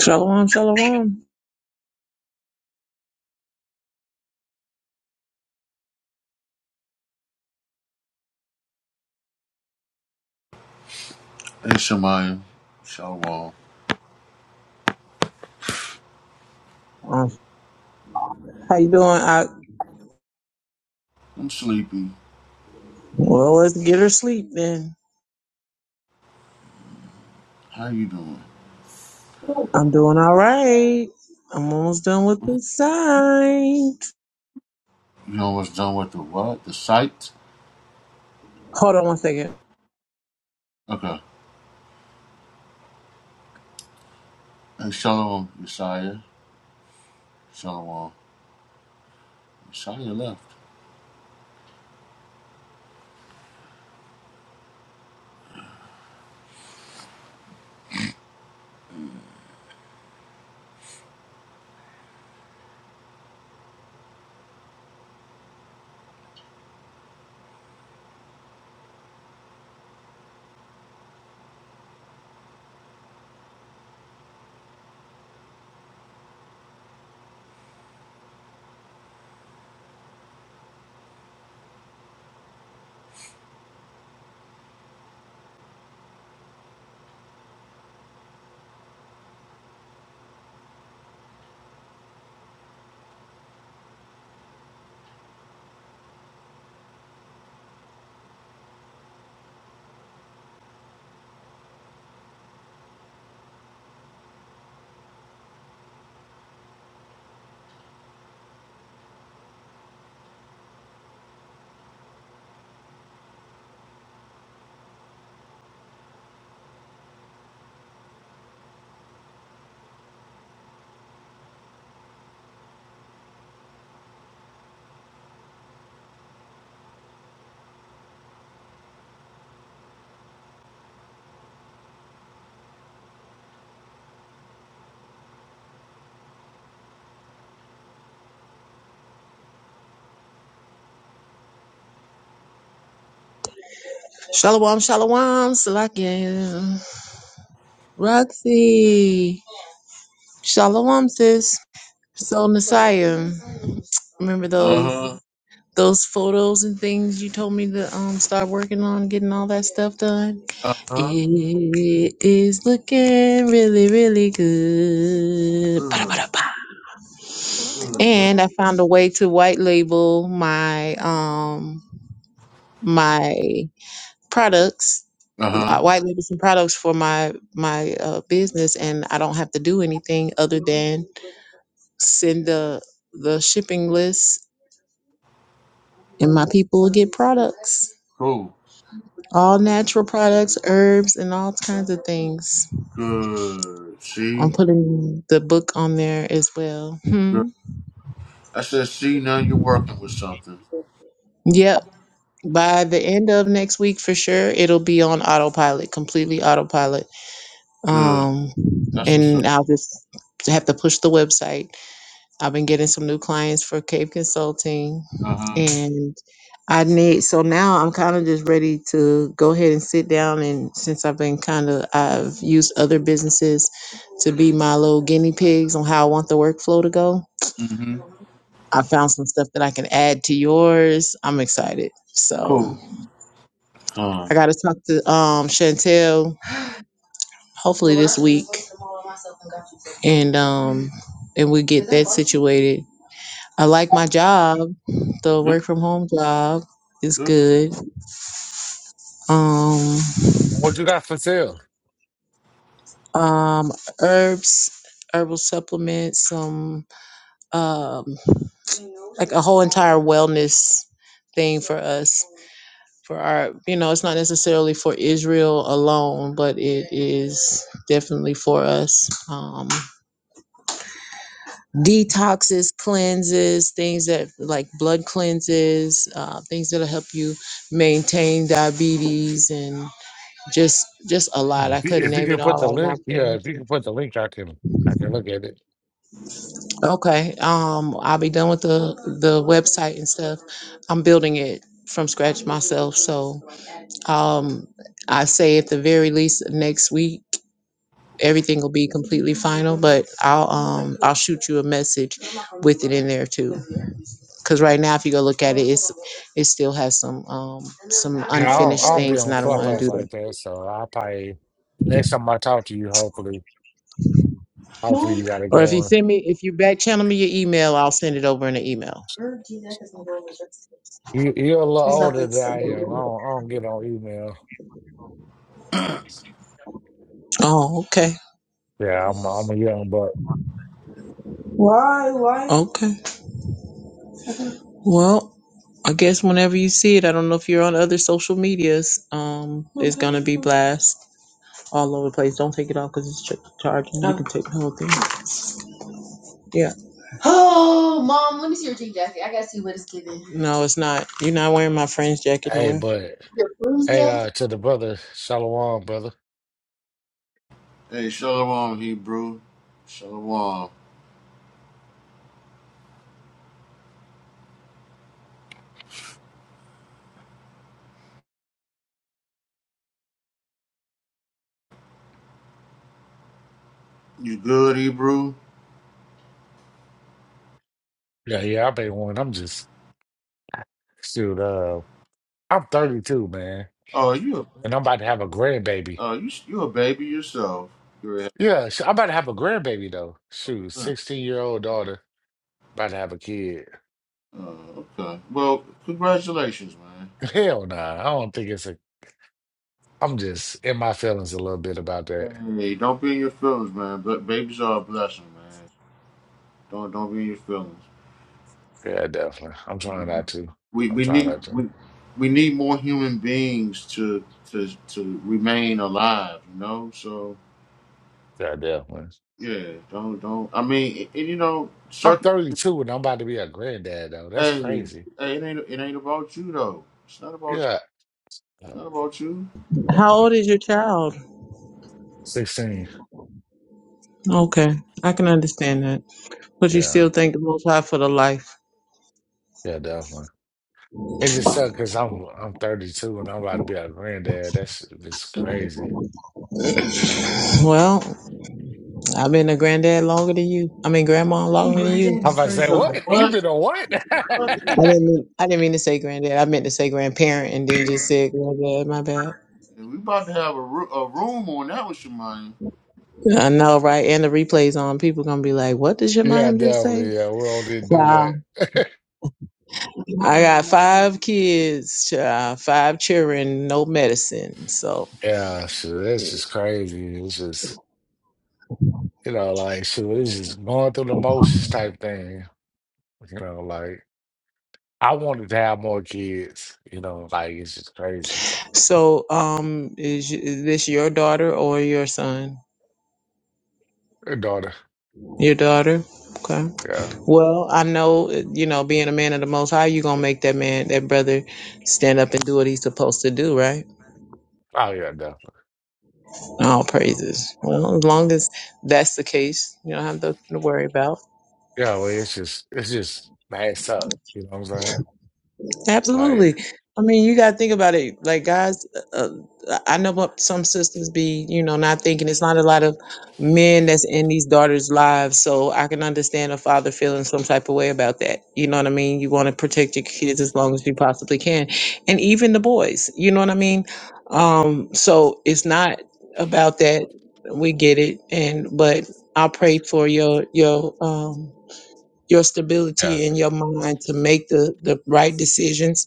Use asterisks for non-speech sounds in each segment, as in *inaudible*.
Shalom, shalom. Hey Shemaya, Shalom. Um, how you doing? I I'm sleepy. well, let's get her sleep then. How you doing? I'm doing all right. I'm almost done with the sign. You almost done with the what? The site? Hold on one second. Okay. Hey Shalom, Yeshaya. Shalom. Yeshaya left. Shalom, shalom, Salakia. Roxy. Shalom, sis. So Messiah. Remember those Uh-huh. those photos and things you told me to um start working on getting all that stuff done? Uh-huh. It is looking really, really good. Good. Ba-da-ba-da-ba. Good. good. And I found a way to white label my um my products, Uh-huh. uh, white label some products for my my uh, business, and I don't have to do anything other than send the the shipping list, and my people will get products, Cool. all natural products, herbs, and all kinds of things. Good. I'm See? putting the book on there as well. Good. Hmm. I said, see, now you're working with something. Yep. by the end of next week for sure it'll be on autopilot completely autopilot Good. um That's what's up. and i'll just have to push the website i've been getting some new clients for cave consulting Uh-huh. and i need so now i'm kind of just ready to go ahead and sit down and since i've been kind of i've used other businesses to be my little guinea pigs on how i want the workflow to go Mm-hmm. i found some stuff that i can add to yours i'm excited so Cool. I Come. got to talk to um Chantel hopefully this week and um and we get that situated. I like my job. The Good. work from home job is Good. good. Um What you got for sale? um herbs, herbal supplements, some um like a whole entire wellness thing for us for our you know it's not necessarily for israel alone but it is definitely for us Um, detoxes, cleanses, things that like blood cleanses, uh, things that'll help you maintain diabetes and just just a lot. I If you, couldn't if you name it can put the all right now. link, yeah, if you but- can put the link, I can I can look at it. Okay, um, I'll be done with the the website and stuff. I'm building it from scratch myself, so um, I say at the very least next week everything will be completely final. But I'll um I'll shoot you a message with it in there too. Because right now, if you go look at it, it's it still has some um some Yeah, I don't I unfinished don't be things, and on I don't want to Clubhouse do like that, so I'll probably next time I talk to you, hopefully, hopefully you that. got it Or if you going. send me, if you back channel me your email, I'll send it over in an email. You you're a little older than I am. I don't, I don't get on email. Oh, okay, Yeah, I'm a, I'm a young buck. Why? Why? okay. Well, I guess whenever you see it, I don't know if you're on other social medias. Um, it's gonna be blast all over the place. Don't take it off because it's ch- charging. You can take the whole thing. Yeah. Oh, mom, let me see your jean jacket. I gotta see what it's giving. No, it's not. You're not wearing my friend's jacket Hey, nowhere. but Your bruise hey, jacket? uh, to the brother, Shalom, brother. Hey, Shalom, Hebrew. Shalom. You good, Hebrew? Yeah, yeah, I've been one. I'm just shoot. Uh, I'm 32, man, Oh, you, and I'm about to have a grandbaby. uh, you, you a baby yourself. You're a Yeah, sh- I'm about to have a grandbaby though. Shoot, uh, 16 year old daughter about to have a kid. okay. Well, congratulations, man. *laughs* Hell nah. I don't think it's a. I'm just in my feelings a little bit about that. Hey, don't be in your feelings, man. But babies are a blessing, man. Don't don't be in your feelings. Yeah, definitely. I'm You trying not know, to. we I'm we trying need not to. we we need more human beings to to to remain alive. You know, so Yeah, definitely. yeah, don't don't. I mean, and, and you know, I'm circum. 32 and I'm about to be a granddad though. That's Hey, crazy. hey, it ain't it ain't about you though. It's not about you. Yeah, It's yeah, not about you. How definitely. old is your child? 16. Okay, I can understand that. But you Yeah, still thank the Most High for the life. yeah, definitely. It just sucks because I'm I'm 32 and I'm about to be a granddad. That's just crazy. Well, I've been a granddad longer than you. I mean, grandma longer than you. Granddad I'm is about to say, crazy. No, what? You what? been on what? *laughs* I didn't mean I didn't mean to say granddad. I meant to say grandparent, and then just said granddad. My bad. And we about to have a, ru- a room on that with Shemayim. I know, right? And the replays on. People gonna be like, "What did Yeah, Shemayim just say?" definitely. Yeah, we all did do Wow. that. *laughs* I got five kids, child, five children, no medicine. So, Yeah, so that's just crazy. It's just, you know, like, so it's just going through the motions type thing. You know, like, I wanted to have more kids, you know, like, it's just crazy. so um, is, is this your daughter or your son? Your daughter, Your daughter. Okay. yeah. Well, I know uh, you know being a man of the Most High, you gonna make that man, that brother, stand up and do what he's supposed to do, right? Oh, yeah, definitely. All praises. Well, as long as that's the case, you don't have nothing to worry about. Yeah, well, it's just, it's just, man, it sucked. You know what I'm saying? Like, Absolutely. I mean, you got to think about it. Like, guys, uh, uh, I know what some sisters be, you know, not thinking it's not a lot of men that's in these daughters' lives. So I can understand a father feeling some type of way about that. You know what I mean? You want to protect your kids as long as you possibly can. And even the boys, you know what I mean? Um, so it's not about that. We get it. And, but I'll pray for your, your, um, your yeah, stability in your mind to make the, the right decisions.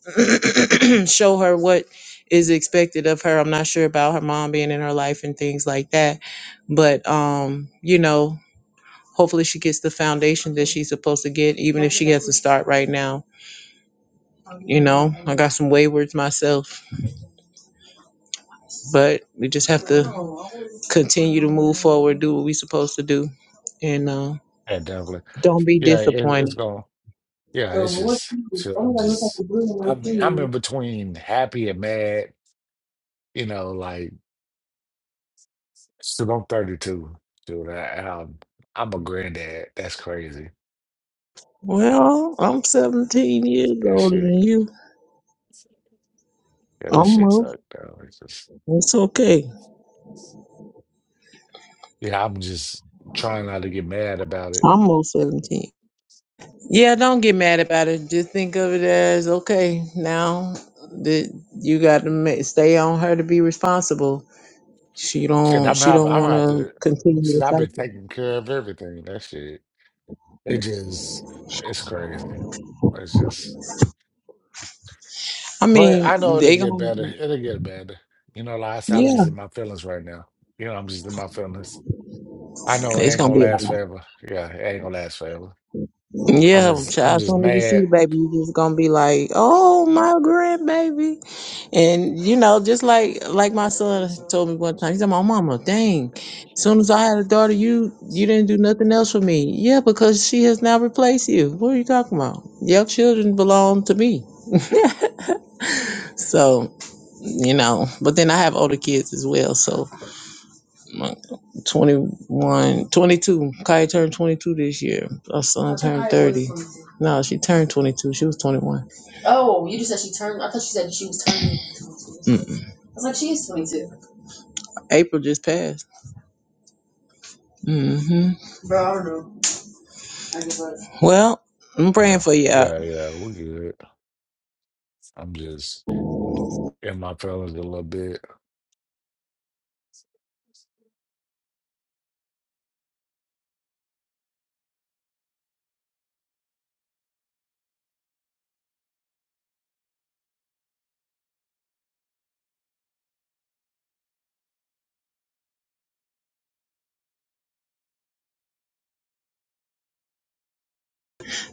*clears throat* Show her what is expected of her. I'm not sure about her mom being in her life and things like that. But um, you know, hopefully she gets the foundation that she's supposed to get, even if she has to start right now. You know, I got some waywards myself, but we just have to continue to move forward, do what we're supposed to do, and uh, yeah, definitely. don't be Yeah, it, it's disappointed. going, yeah, it's just, so I'm just, I mean, I'm in between happy and mad, you know, like. So I'm 32, dude. I, and I'm, I'm a granddad. That's crazy. Well, I'm 17 years That older shit. than you. Yeah, that shit Almost. sucked, though. It's just, It's okay. yeah, I'm just trying not to get mad about it. Almost 17. Yeah, don't get mad about it. Just think of it as okay. Now that you got to ma- stay on her to be responsible. She Shit, don't. I'm She have. don't I'm want have to to. continue the shit, I've been cycle. taking care of everything. That shit. It just, it's crazy. It's just, I but mean, I know it'll they get gonna. better. It'll get better. You know, like I said, I'm Yeah, just in my feelings right now. You know, I'm just in my feelings. I know it it's ain't gonna gonna be all last forever. Yeah, it ain't gonna last forever. right. I'm Yeah, just child. I'm As just soon as you see mad. the baby, you just gonna be like, "Oh, my grandbaby." And you know, just like like my son told me one time, he said, "My mama, dang, as soon as I had a daughter, you you didn't do nothing else for me." Yeah, because she has now replaced you. What are you talking about? Your children belong to me. *laughs* so you know, but then I have older kids as well, so my 21, twenty-two. Kai turned 22 this year. Our son turned 30. No, she turned 22. She was 21. Oh, you just said said she she turned. I thought you said she was turning twenty-two. Mm-mm. I was like, she is twenty-two. April just passed. Mm-hmm. Bro, I don't know. I give up. Well, I'm praying Yeah, for you out. yeah, yeah. we good. I'm just in my feelings a little bit.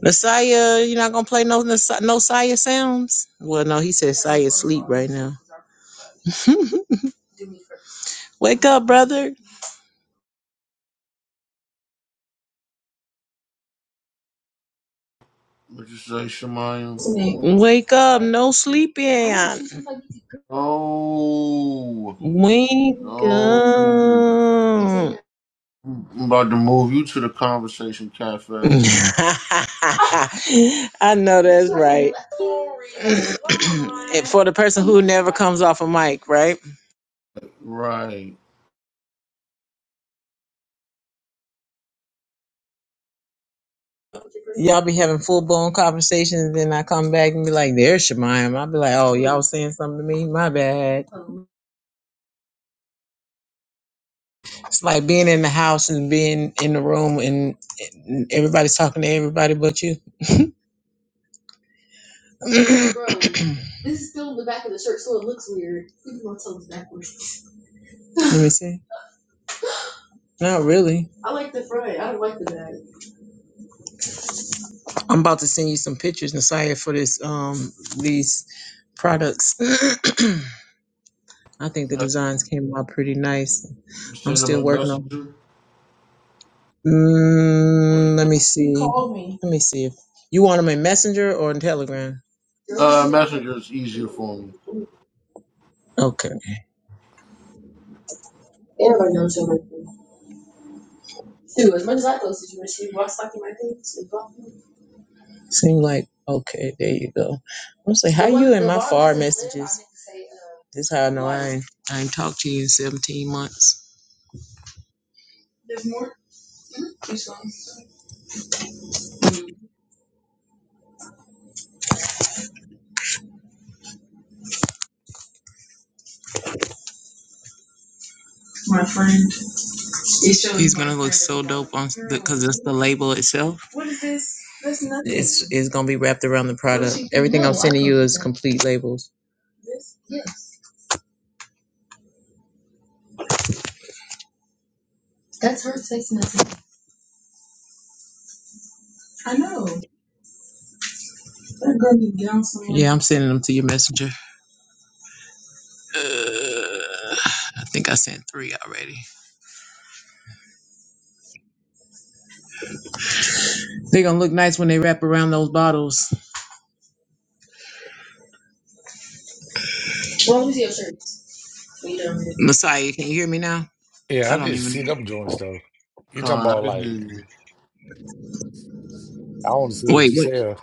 Nasiah, you're not going to play no Nas- no Sia sounds? Well, no, he said Sia sleep right now. Wake up, brother. What you say, Shemayim? Wake up, no sleeping. No, Wake no. Mm-hmm. up. I'm about to move you to the Conversation *laughs* Cafe. I know that's right. *clears throat* And for the person who never comes off a mic, right? Right. Y'all be having full blown conversations, then I come back and be like, "There's Shemayim." I'll be like, "Oh, y'all was saying something to me? My bad." It's like being in the house and being in the room, and and everybody's talking to everybody but you. Like, Bro, *clears throat* this is still in the back of the shirt, so it looks weird. Even though it's backwards. *laughs* Let me see. Not really. I like the front. I don't like the back. I'm about to send you some pictures, Nasiah, for this um these products. *clears throat* I think the Mess- designs came out pretty nice. I'm send him still a working on. messenger. them. Or- Mm, let me see. Call me. Let me see if you want them in Messenger or in Telegram. Girl, 'cause Uh, she knows something. messenger is easier for me. Okay. Everybody knows something. Dude, as much as I thought that you she was sucking my dick. she was bumping. me. Seem like okay, there you go. I'm saying, how It you in the my bar far wasn't lit. I messages? meant say uh, This how I know I ain't, I ain't talked to you in 17 months. There's more. Hmm? This one. My friend. It shows He's gonna look so like, dope on because it's the label itself. what is this? That's nothing. It's it's gonna be wrapped around the Well, product. Well, she can Everything no, I'm know. I sending you is complete labels. This? Yes. That's her text message. I know. Yeah, I'm sending them to your messenger. Uh, I think I sent three already. They're gonna look nice when they wrap around those bottles. What was your shirt? Messiah, can you hear me now? Yeah, I I don't need to even. see them joints though. You talking Con, I about can hear like you. I want to see what Wait, you wait. sell.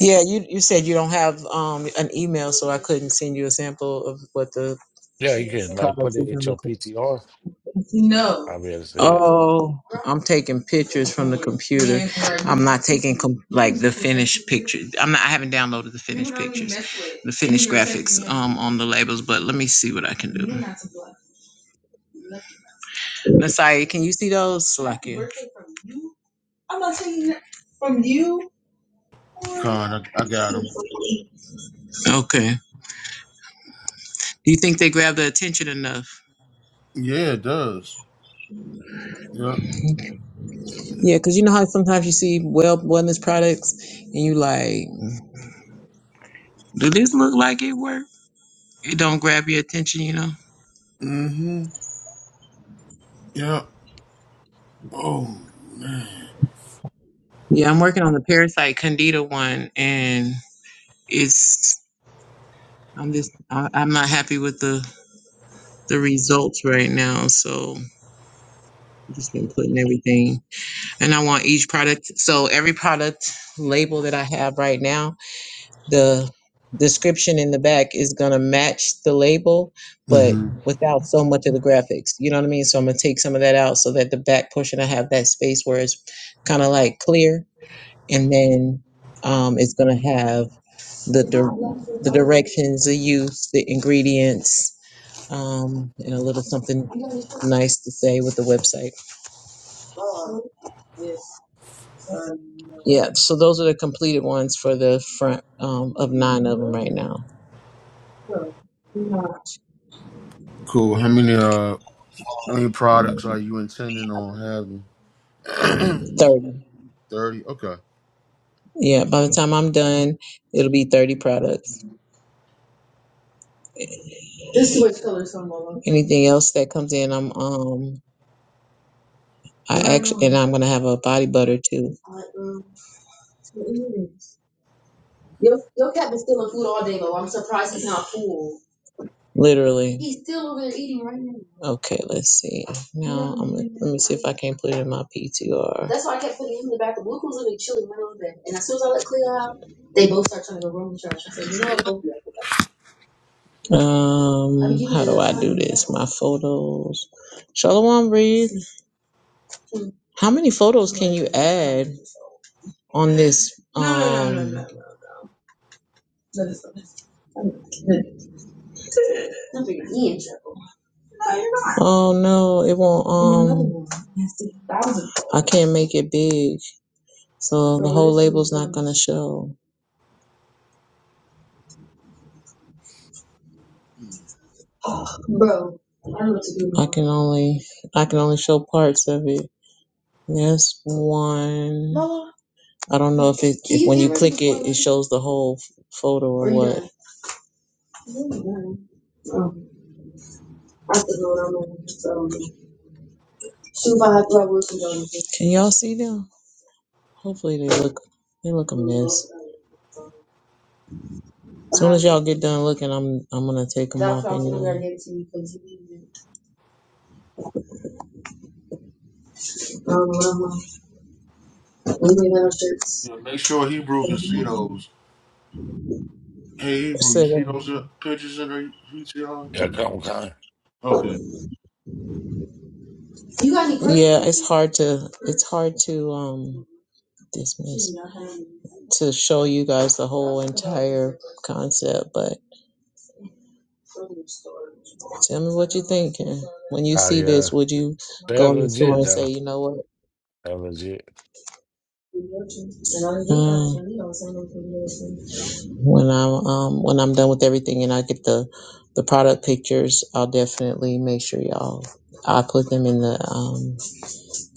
Yeah, you you said you don't have um an email, so I couldn't send you a sample of what the Yeah, you can like product put is it gonna at your look like. PTR. No. I'll be able to see it. Oh, I'm taking pictures from the computer. I'm not taking com- like the finished picture. I'm not. I haven't downloaded the finished pictures, the finished graphics um on the labels. But let me see what I can do. Nasai, can you see those? Slakia. I'm not taking it from you. Con, I, I got him. Okay. Do you think they grab the attention enough? Yeah, it does. Yep. Yeah, because you know how sometimes you see well wellness products and you like. Does this look like it worked? It don't grab your attention, you know? Mm-hmm. Yep. Oh, man. Yeah, I'm working on the parasite candida one and it's I'm just I, I'm not happy with the the results right now. So I've just been putting everything and I want each product so every product label that I have right now, the description in the back is gonna match the label, but Mm-hmm. without so much of the graphics. You know what I mean? So I'm gonna take some of that out so that the back portion I have that space where it's kind of like clear and then um, it's going to have the dir- the directions, the use, the ingredients, um, and a little something nice to say with the website. Yeah, so those are the completed ones for the front um, of nine of them right now. Cool. How many, uh, how many products are you intending on having? *clears throat* Thirty. Thirty. Okay. Yeah, by the time I'm done, it'll be thirty products. Anything else that comes in, I'm um I actually and I'm gonna have a body butter too. It is. Your your cat been stealing food all day, though. I'm surprised he's not full. Literally. He's still over there eating right now. Okay, let's see. Now I'm gonna, let me see if I can not put it in my PTR. That's why I kept putting him in the bathroom. Blue was literally chilling right over there. And as soon as I let Cleo out, they both start trying to go room trash. I said, you know what, both of Um, how do I do this? My photos. Shalom, breathe. Hmm. How many photos can you add on this? Um, No, no, no, no, no. No, No, this one. Oh no, it won't. Um, I can't make it big, so the whole label's not gonna show. Bro, I can only I can only show parts of it. That's one. I don't know if it if when you click it, it shows the whole photo or what. Can y'all see them? Hopefully they look they look a mess. As soon as y'all get done looking, I'm I'm gonna take them off anyway. Yeah, make sure Hebrew can see those. Hey Hebrew, you So, see those uh, pictures in her VTR? Yeah, come on. Okay. yeah, it's hard to it's hard to um dismiss to show you guys the whole entire concept, but tell me what you think. and When you Oh see this, yeah, would you they're go in the store legit and say, though. you know what? They're legit. Mm. When I'm um, when I'm done with everything and I get the the product pictures, I'll definitely make sure y'all I put them in the um,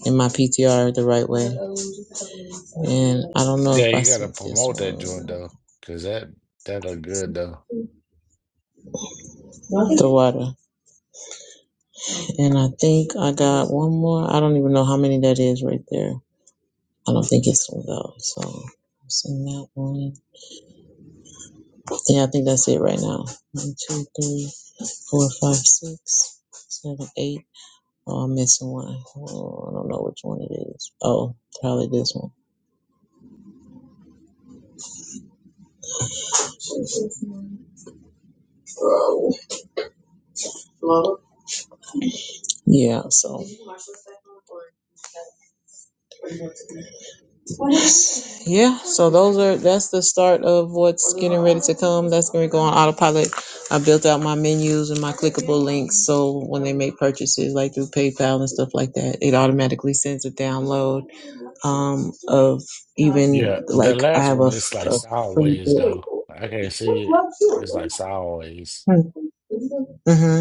in my PTR the right way. And I don't know if Yeah, I you gotta sent this promote that joint one though, cause that that look good though. the water. And I think I got one more. I don't even know how many that is right there. I don't think it's one though. So send that one. Yeah, I think that's it right now. One, two, three. four, five, six, seven, eight. Oh, I'm missing one. Oh, I don't know which one it is. Oh, probably this one. Yeah, so. Yeah, so those are that's the start of what's getting ready to come. That's going to go on autopilot. I built out my menus and my clickable links, so when they make purchases like through PayPal and stuff like that, it automatically sends a download um, of even Yeah, the like I last have a, one it's f- like a free sideways book. though. I can't see it. It's like sideways. hmm Mm-hmm.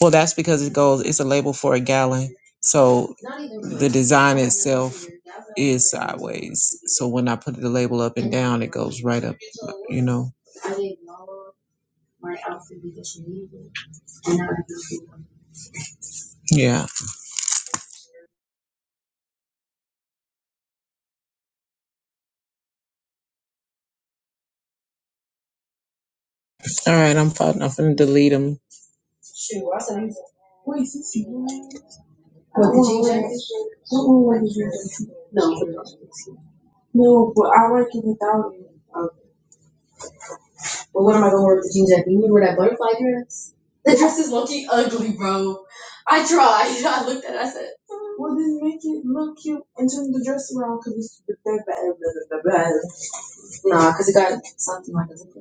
Well, that's because it goes. It's a label for a gallon, so the design itself is sideways. So when I put the label up and down, it goes right up. You know. Yeah. All right. I'm fine. I'm finna delete them. But what am I gonna wear with the jeans at You would wear that butterfly dress? The dress is looking ugly, bro. I tried. *laughs* I looked at it, I said, Well, then make it look cute and turn the dress around because it's the bad, bad, bad, bad, bad. nah, because it got something like a zipper.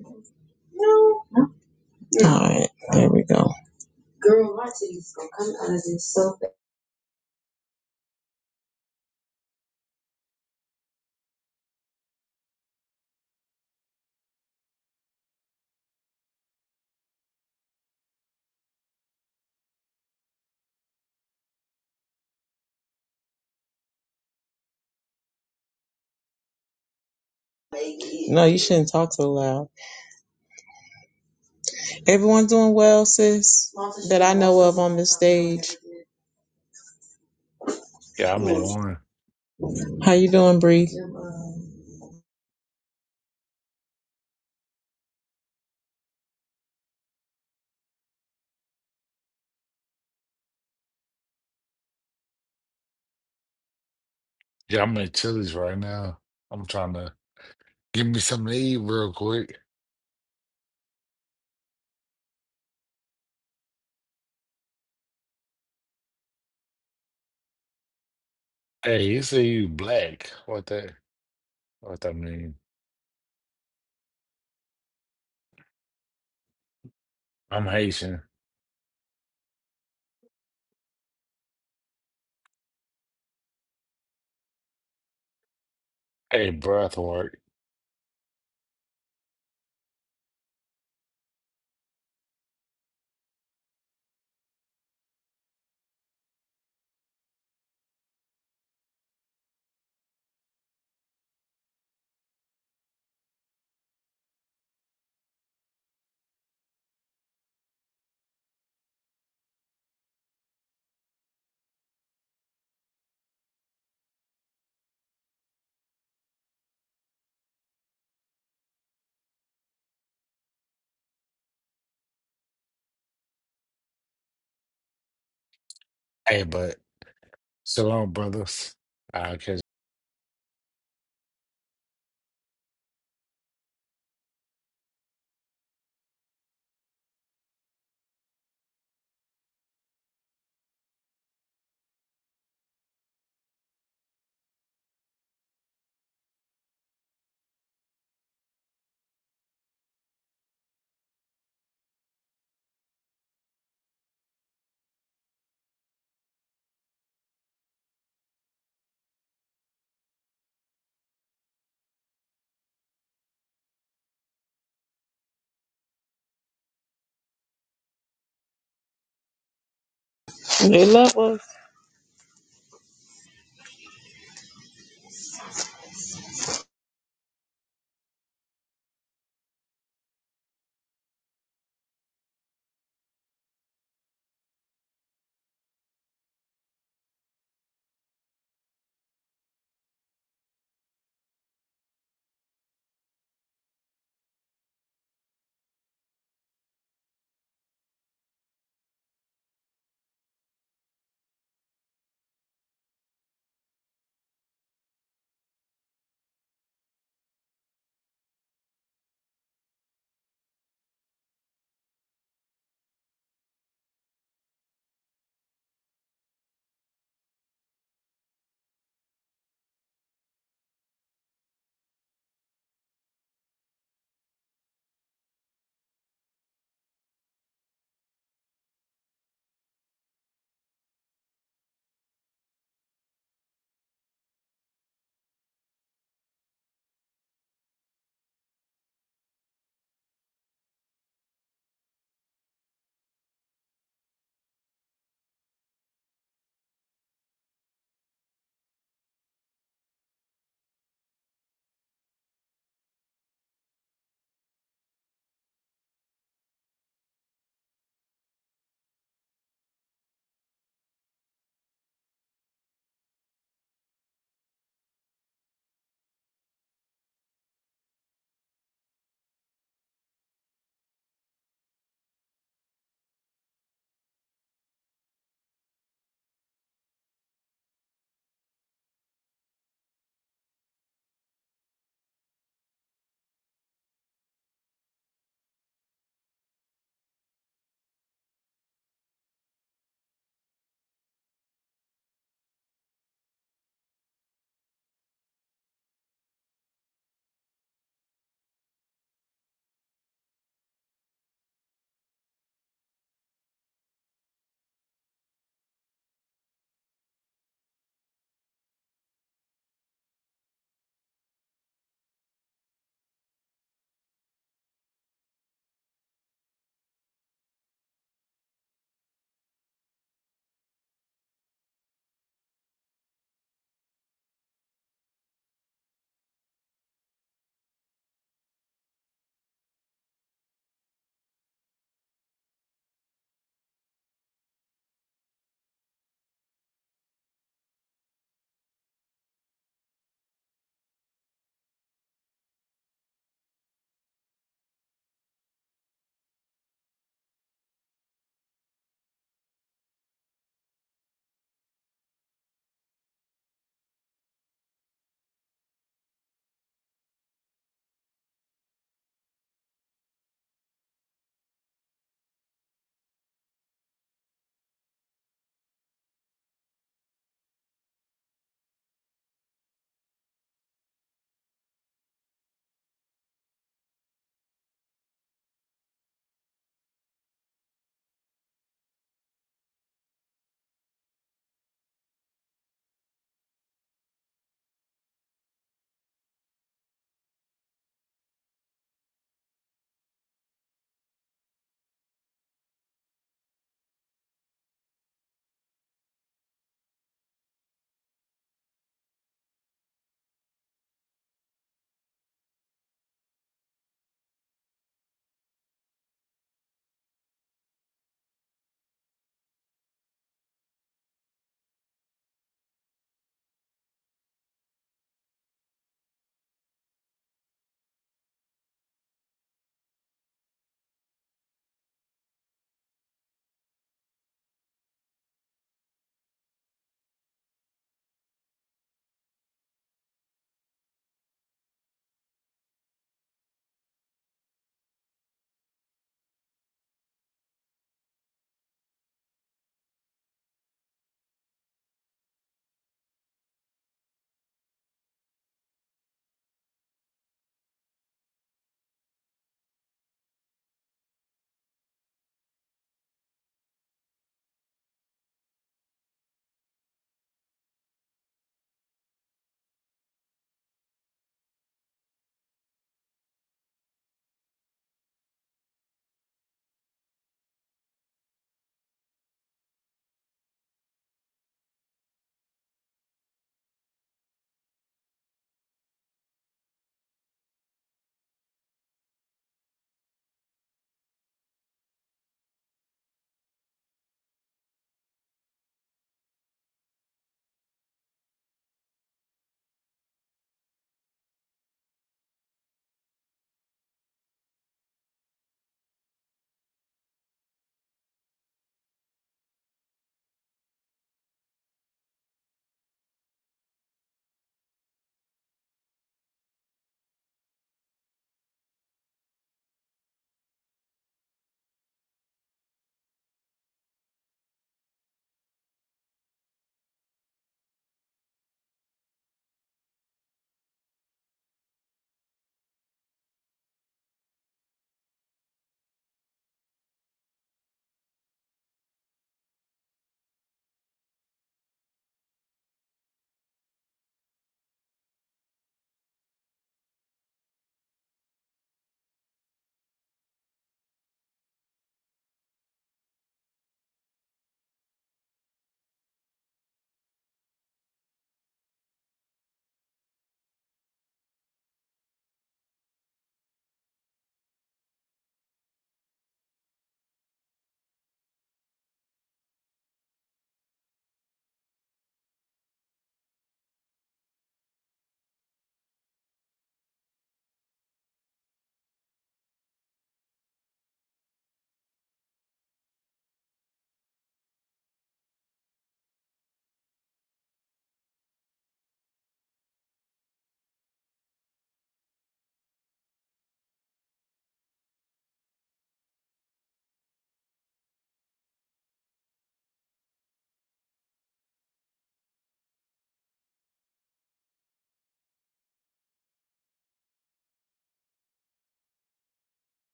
No. No? Alright, there we go. Girl, my titties gonna come out of this so fast. No, you shouldn't talk so loud. Everyone doing well, sis? That I know of on this stage. Yeah, i made one. How you doing, Bree? Yeah, i made chilies right now. I'm trying to give me something to eat real quick. Hey, you say you black. What that what that mean? I'm Haitian. Hey, breath work. Hey, but shalom, brothers. I catch. They love us.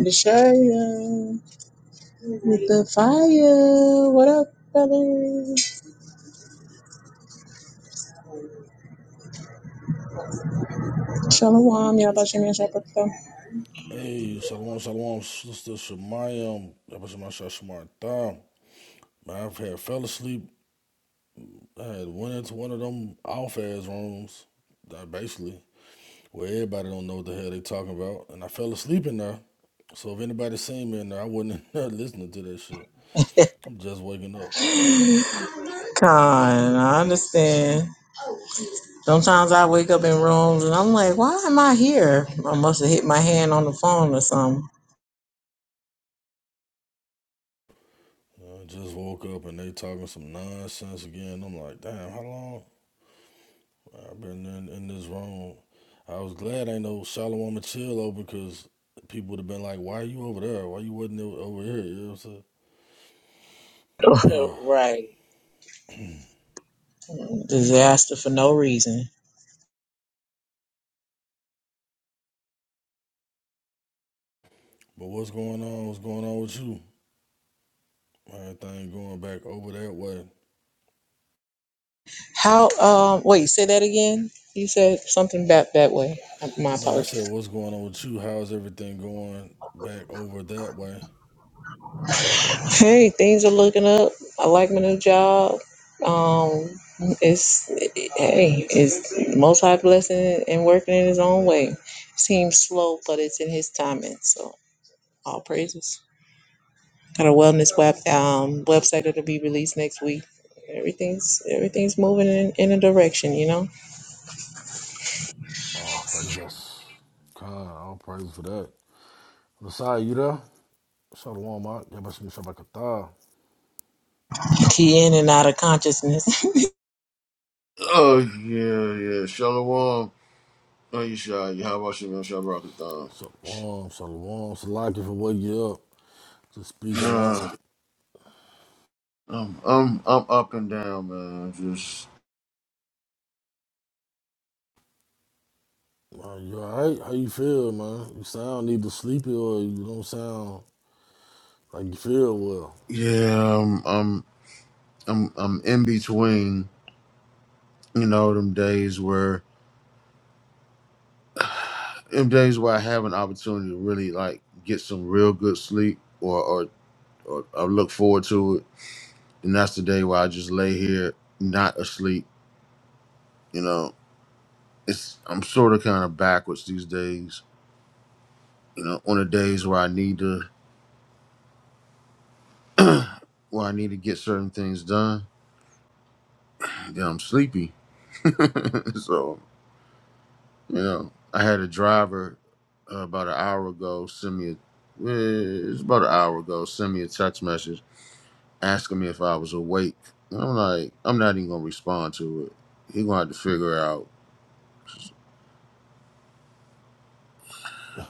Bishaya with the fire. What up, brother? Shalom, y'all about your man, Shabbat. Hey, Shalom, Shalom, Sister Shemayim, Shemayim, Man, I've had fell asleep. I had went into one of them off ass rooms, basically, where everybody don't know what the hell they talking about, and I fell asleep in there. So if anybody seen me in there, I wasn't *laughs* in there listening to that shit. I'm just waking up. Con, I understand. Sometimes I wake up in rooms and I'm like, why am I here? I must have hit my hand on the phone or something. I just woke up and they talking some nonsense again. I'm like, damn, how long? I've been in, in this room. I was glad ain't no Shalom and chill over because people would have been like, why are you over there? Why you wasn't over here? You know what I'm saying? *laughs* Ah, right. Disaster for no reason. but what's going on? What's going on with you? Everything going back over that way. How, um, wait, say that again? You said something back that way. My No, I apologies. said, what's going on with you? How's everything going back over that way? Hey, things are looking up. I like my new job. Um, it's hey, it's most high blessing and working in His own way. Seems slow, but it's in His timing. So all praises. Got a wellness web um website that'll be released next week. Everything's everything's moving in, in a direction, you know. Oh, All praises. God, all praise for that. Messiah, you there? Shalom, Mark. Yeah, but some Shabakatah. Key in and out of consciousness. *laughs* Oh yeah, yeah. Shalom. Oh, you shy. You how about you, man? Shabrakatan. Shalom, shalom. Salaki for waking you up. Just speaking up. Nah, I'm I'm I'm up and down, man. Just Man, you alright? How you feel, man? You sound either sleepy or you don't sound like you feel well. yeah, I'm I'm I'm I'm in between. You know, them days where them days where I have an opportunity to really like get some real good sleep, or or, or I look forward to it and that's the day where I just lay here not asleep. You know, it's I'm sort of kind of backwards these days. You know, on the days where I need to *clears throat* where I need to get certain things done, then I'm sleepy. *laughs* so you know, I had a driver uh, about an hour ago send me a eh, it's about an hour ago send me a text message asking me if I was awake. And I'm like, I'm not even gonna respond to it. He gonna have to figure out.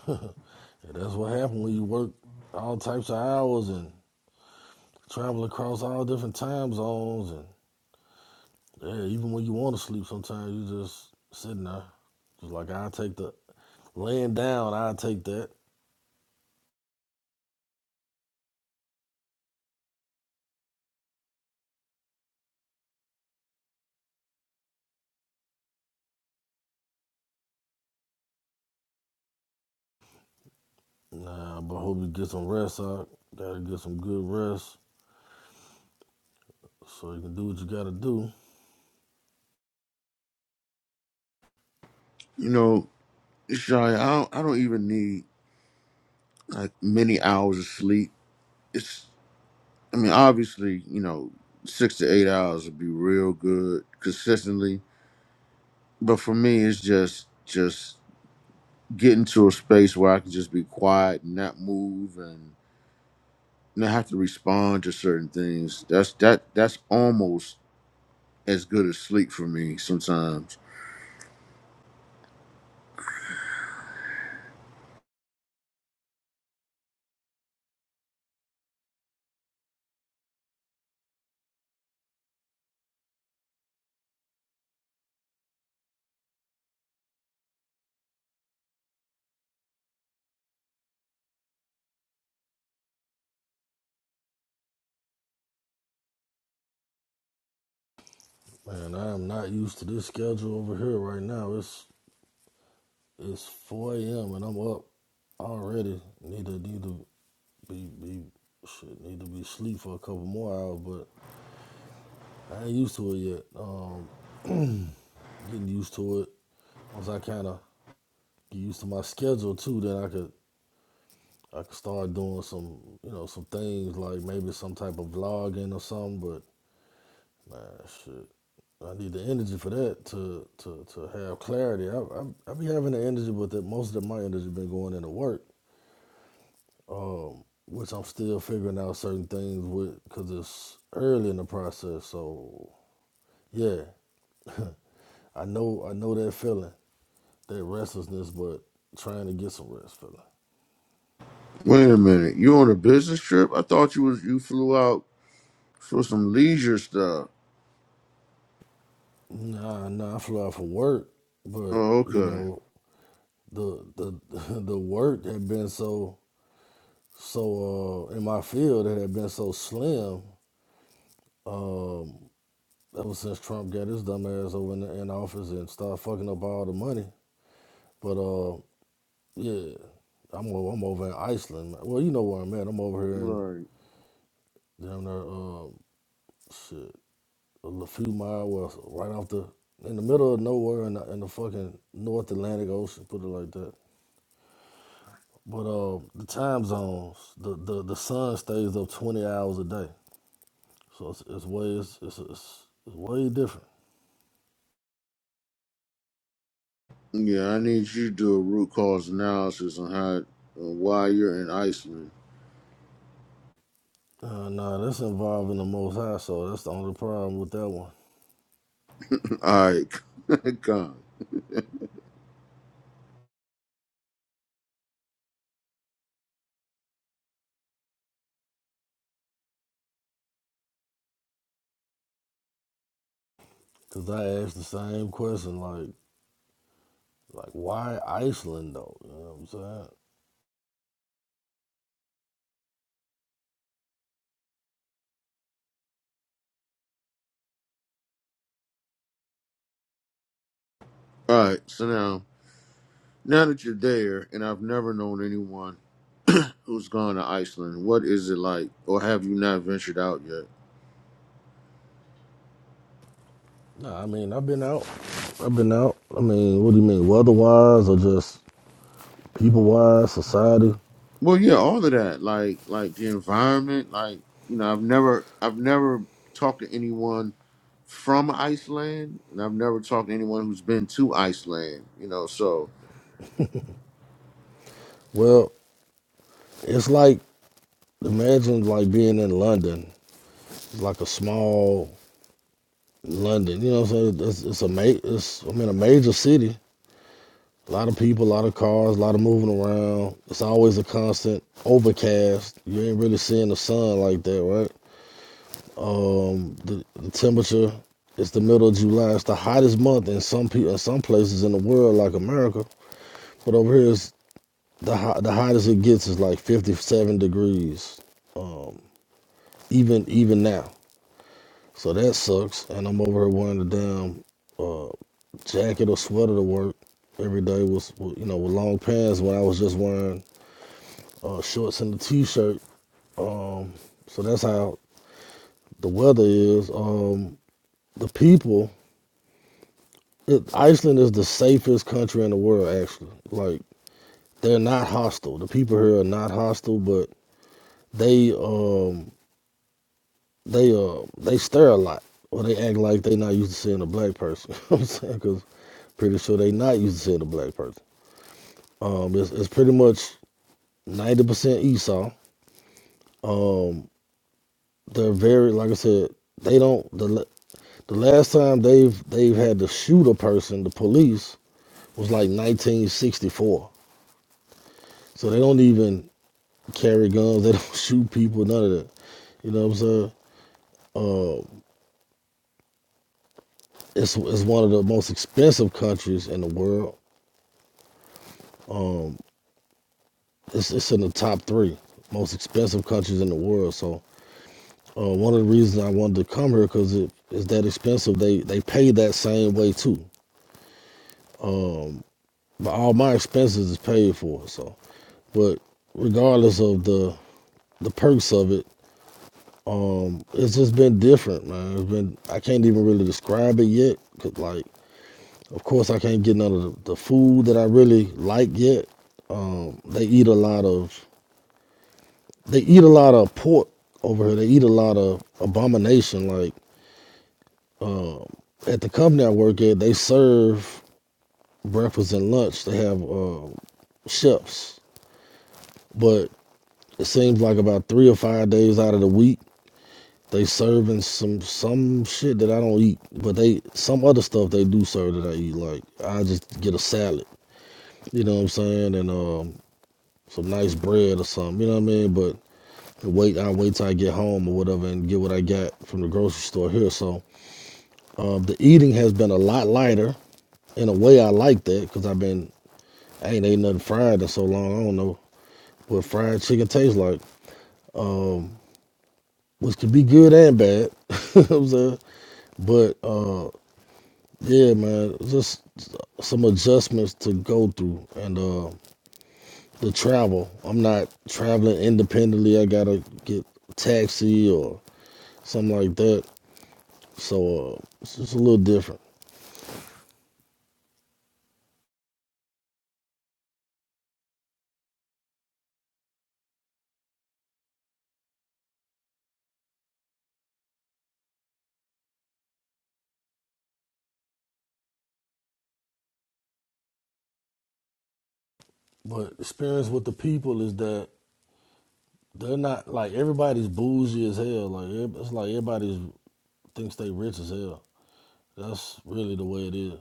*laughs* And that's what happened when you work all types of hours and travel across all different time zones. And yeah, even when you want to sleep, sometimes you just sitting there. Just like I take the laying down, I take that. Nah, but I hope you get some rest. I gotta get some good rest so you can do what you gotta do. You know, Shia, I don't, I don't even need. like many hours of sleep. It's, I mean, obviously, you know, six to eight hours would be real good consistently. But for me, it's just, just getting to a space where I can just be quiet and not move and not have to respond to certain things. That's that. That's almost as good as sleep for me sometimes. Man, I am not used to this schedule over here right now. It's It's 4 a.m. and I'm up already. Need to need to be be shit. Need to be asleep for a couple more hours, but I ain't used to it yet. Um, *clears throat* getting used to it. Once I kind of get used to my schedule too, then I could I could start doing some you know some things like maybe some type of vlogging or something. But man, shit. I need the energy for that to to, to have clarity. I, I I be having the energy, but that most of my energy been going into work. um, which I'm still figuring out certain things with because it's early in the process. So yeah, *laughs* I know I know that feeling, that restlessness, but trying to get some rest feeling. Wait a minute, you on a business trip? I thought you was you flew out for some leisure stuff. Nah, nah, I flew out for work, but Oh, you okay. know the the *laughs* the work had been so so uh in my field it had been so slim um ever since Trump got his dumb ass over in, the, in office and started fucking up all the money. But uh Yeah, I'm o- I'm over in Iceland. Well, you know where I'm at. I'm over here in Right. down there. Um, shit, a few miles west, right off the in the middle of nowhere in the, in the fucking North Atlantic Ocean. Put it like that. But uh, the time zones, the, the the sun stays up 20 hours a day, so it's, it's way it's, it's, it's it's way different. Yeah, I need you to do a root cause analysis on how uh, why you're in Iceland. Uh, nah, that's involving the Most High, so that's the only problem with that one. *laughs* All right, *laughs* come. Cause I asked the same question, like like why Iceland though? You know what I'm saying? All right, so now now that you're there, and I've never known anyone who's gone to Iceland. What is it like, or have you not ventured out yet? No, I mean I've been out. I've been out. I mean, what do you mean, weather wise or just people wise, society? Well, yeah, all of that, like like the environment, like you know, I've never I've never talked to anyone from Iceland, and I've never talked to anyone who's been to Iceland. You know, so Well, it's like imagine like being in London, It's like a small London. You know what I'm saying? It's, it's a ma- it's I mean a major city. A lot of people, a lot of cars, a lot of moving around. It's always a constant overcast. You ain't really seeing the sun like that, right? Um, the, the temperature it's the middle of July. It's the hottest month in some people in some places in the world, like America. But over here, it's the hot, the hottest it gets is like 57 degrees. Um, even even now, so that sucks. And I'm over here wearing a damn jacket or sweater to work every day with, with you know with long pants when I was just wearing uh, shorts and a t-shirt. Um, so that's how the weather is. Um, the people. It, Iceland is the safest country in the world, actually. Like they're not hostile. The people here are not hostile, but they um they uh they stare a lot, or they act like they not used to seeing a black person. *laughs* You know what I'm saying, because pretty sure they not used to seeing a black person. Um, it's, it's pretty much ninety percent Esau. They're very like I said. They don't the la- the last time they've they've had to shoot a person, the police was like 1964. So they don't even. carry guns. *laughs* They don't shoot people. None of that. You know what I'm saying? It's it's one of the most expensive countries in the world. It's it's in the top three most expensive countries in the world. So uh, one of the reasons I wanted to come here because it is that expensive. They they pay that same way too. But all my expenses is paid for. So, but regardless of the the perks of it, it's just been different, man. It's been I can't even really describe it yet. Cause like Of course, I can't get none of the, food that I really like yet. Um, they eat a lot of they eat a lot of pork over here. They eat a lot of abomination. Like at the company I work at, they serve breakfast and lunch. They have uh, chefs, but it seems like about three or five days out of the week they serving some some shit that I don't eat. But they some other stuff they do serve that I eat. Like I just get a salad. You know what I'm saying? And um, some nice bread or something. You know what I mean? But wait, I wait till I get home or whatever and get what I got from the grocery store here. So um, the eating has been a lot lighter. In a way, I like that because I've been I ain't ate nothing fried in so long. I don't know what fried chicken tastes like, which could be good and bad. *laughs* You know what I'm saying, but uh, yeah, man, just some adjustments to go through and uh, the travel. I'm not traveling independently. I gotta get a taxi or something like that. So uh, it's just a little different. But experience with the people is that they're not like everybody's bougie as hell. Like it's like everybody thinks they rich as hell. That's really the way it is.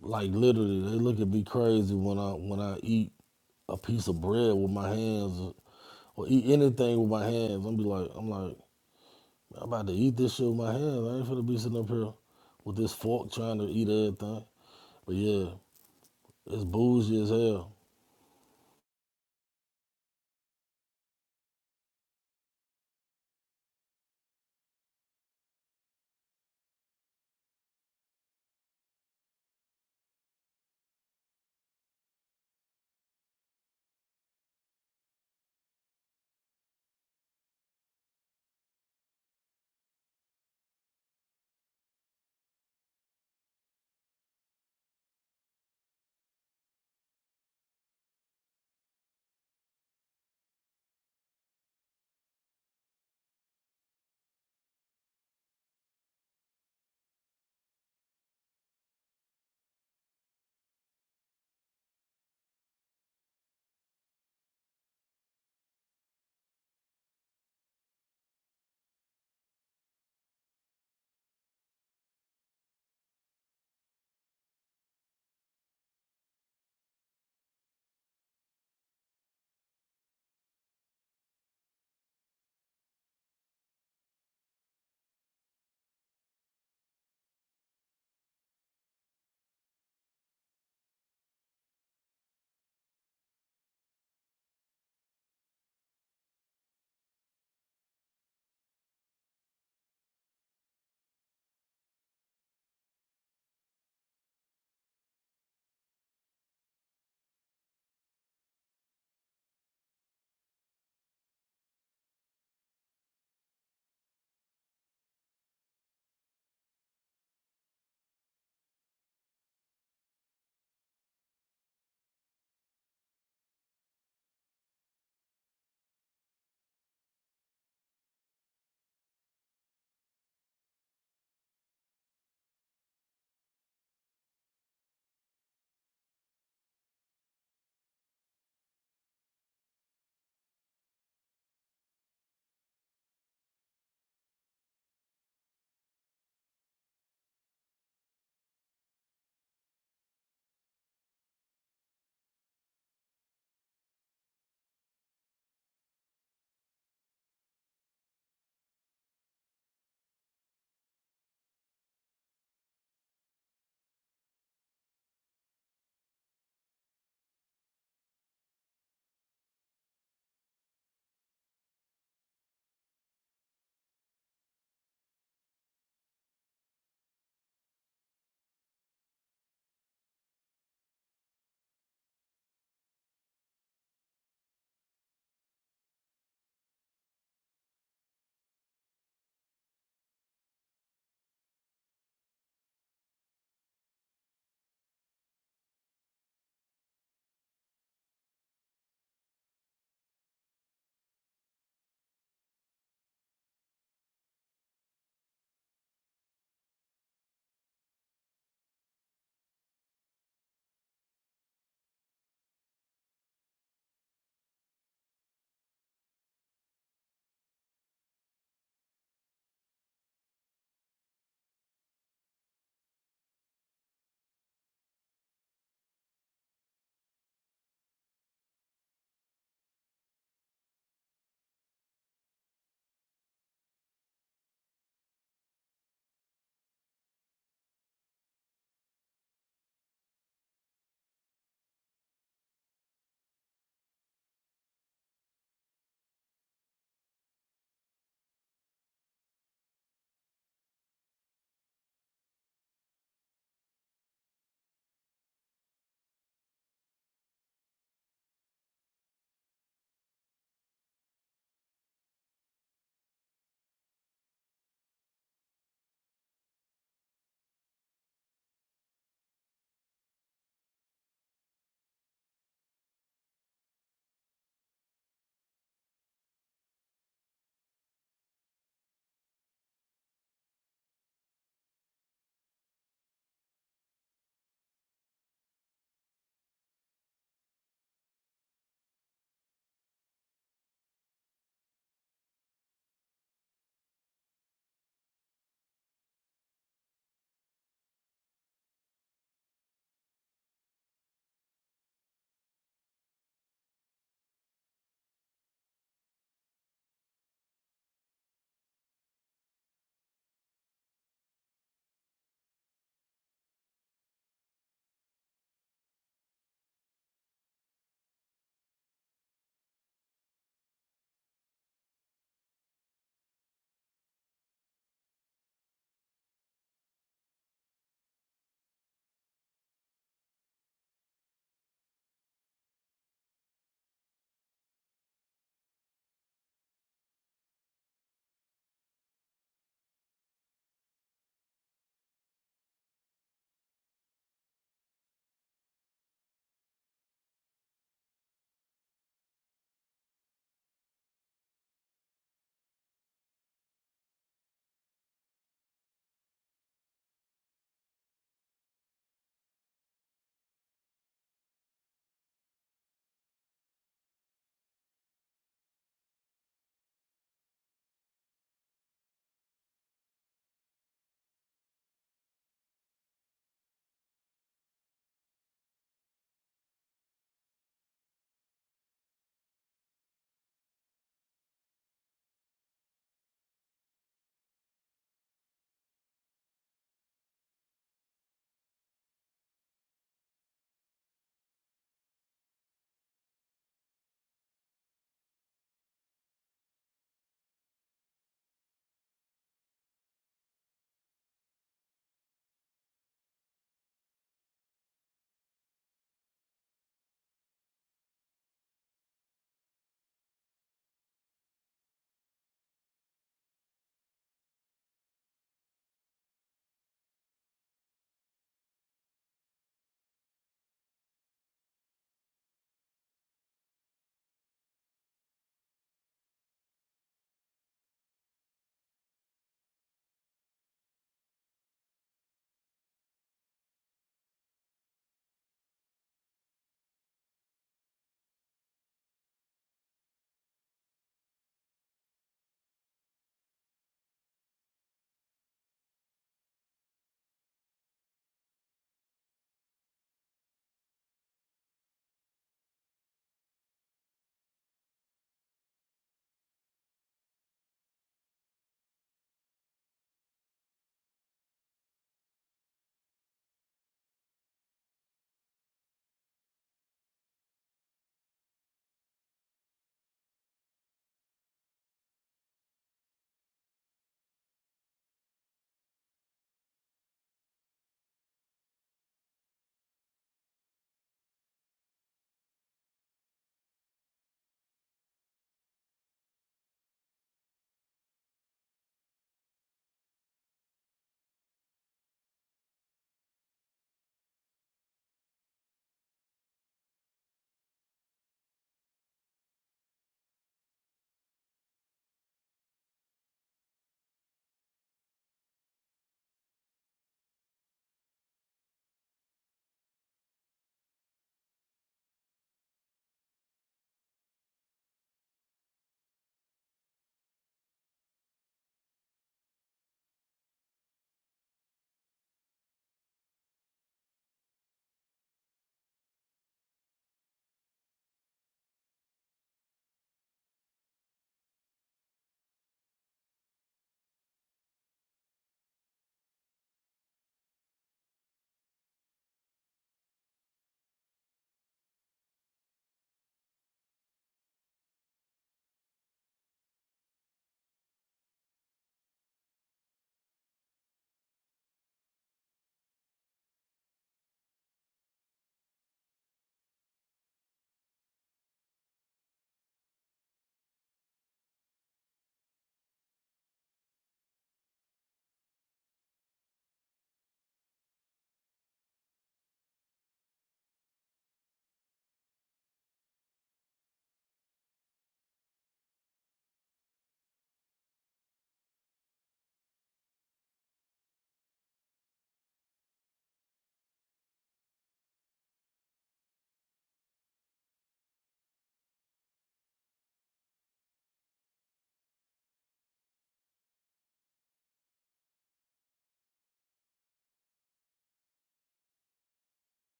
Like literally, they look at me crazy when I when I eat a piece of bread with my hands or, or eat anything with my hands. I'm be like, I'm like, I'm about to eat this shit with my hands. I ain't finna be sitting up here with this fork trying to eat everything. But yeah, it's bougie as hell.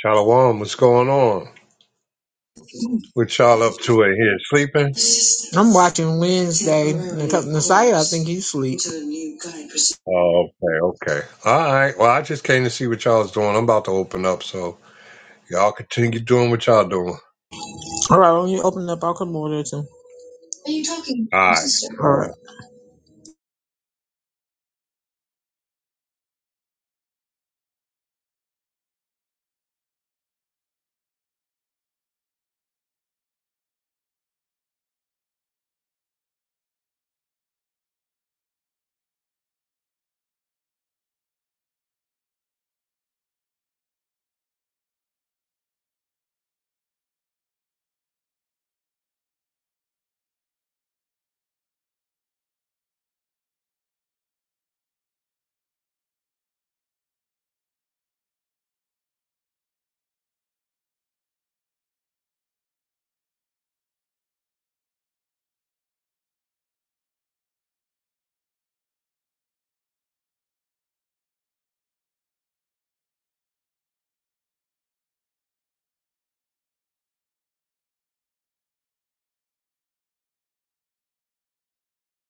Shalom, what's going on? What y'all up to in here? Sleeping? I'm watching Wednesday. and a Messiah, I think he's asleep. Oh, okay, okay. All right. Well, I just came to see what y'all's doing. I'm about to open up, so y'all continue doing what y'all doing. All right, when you open up, I'll come over there too. Are you talking to All your sister? All right. right.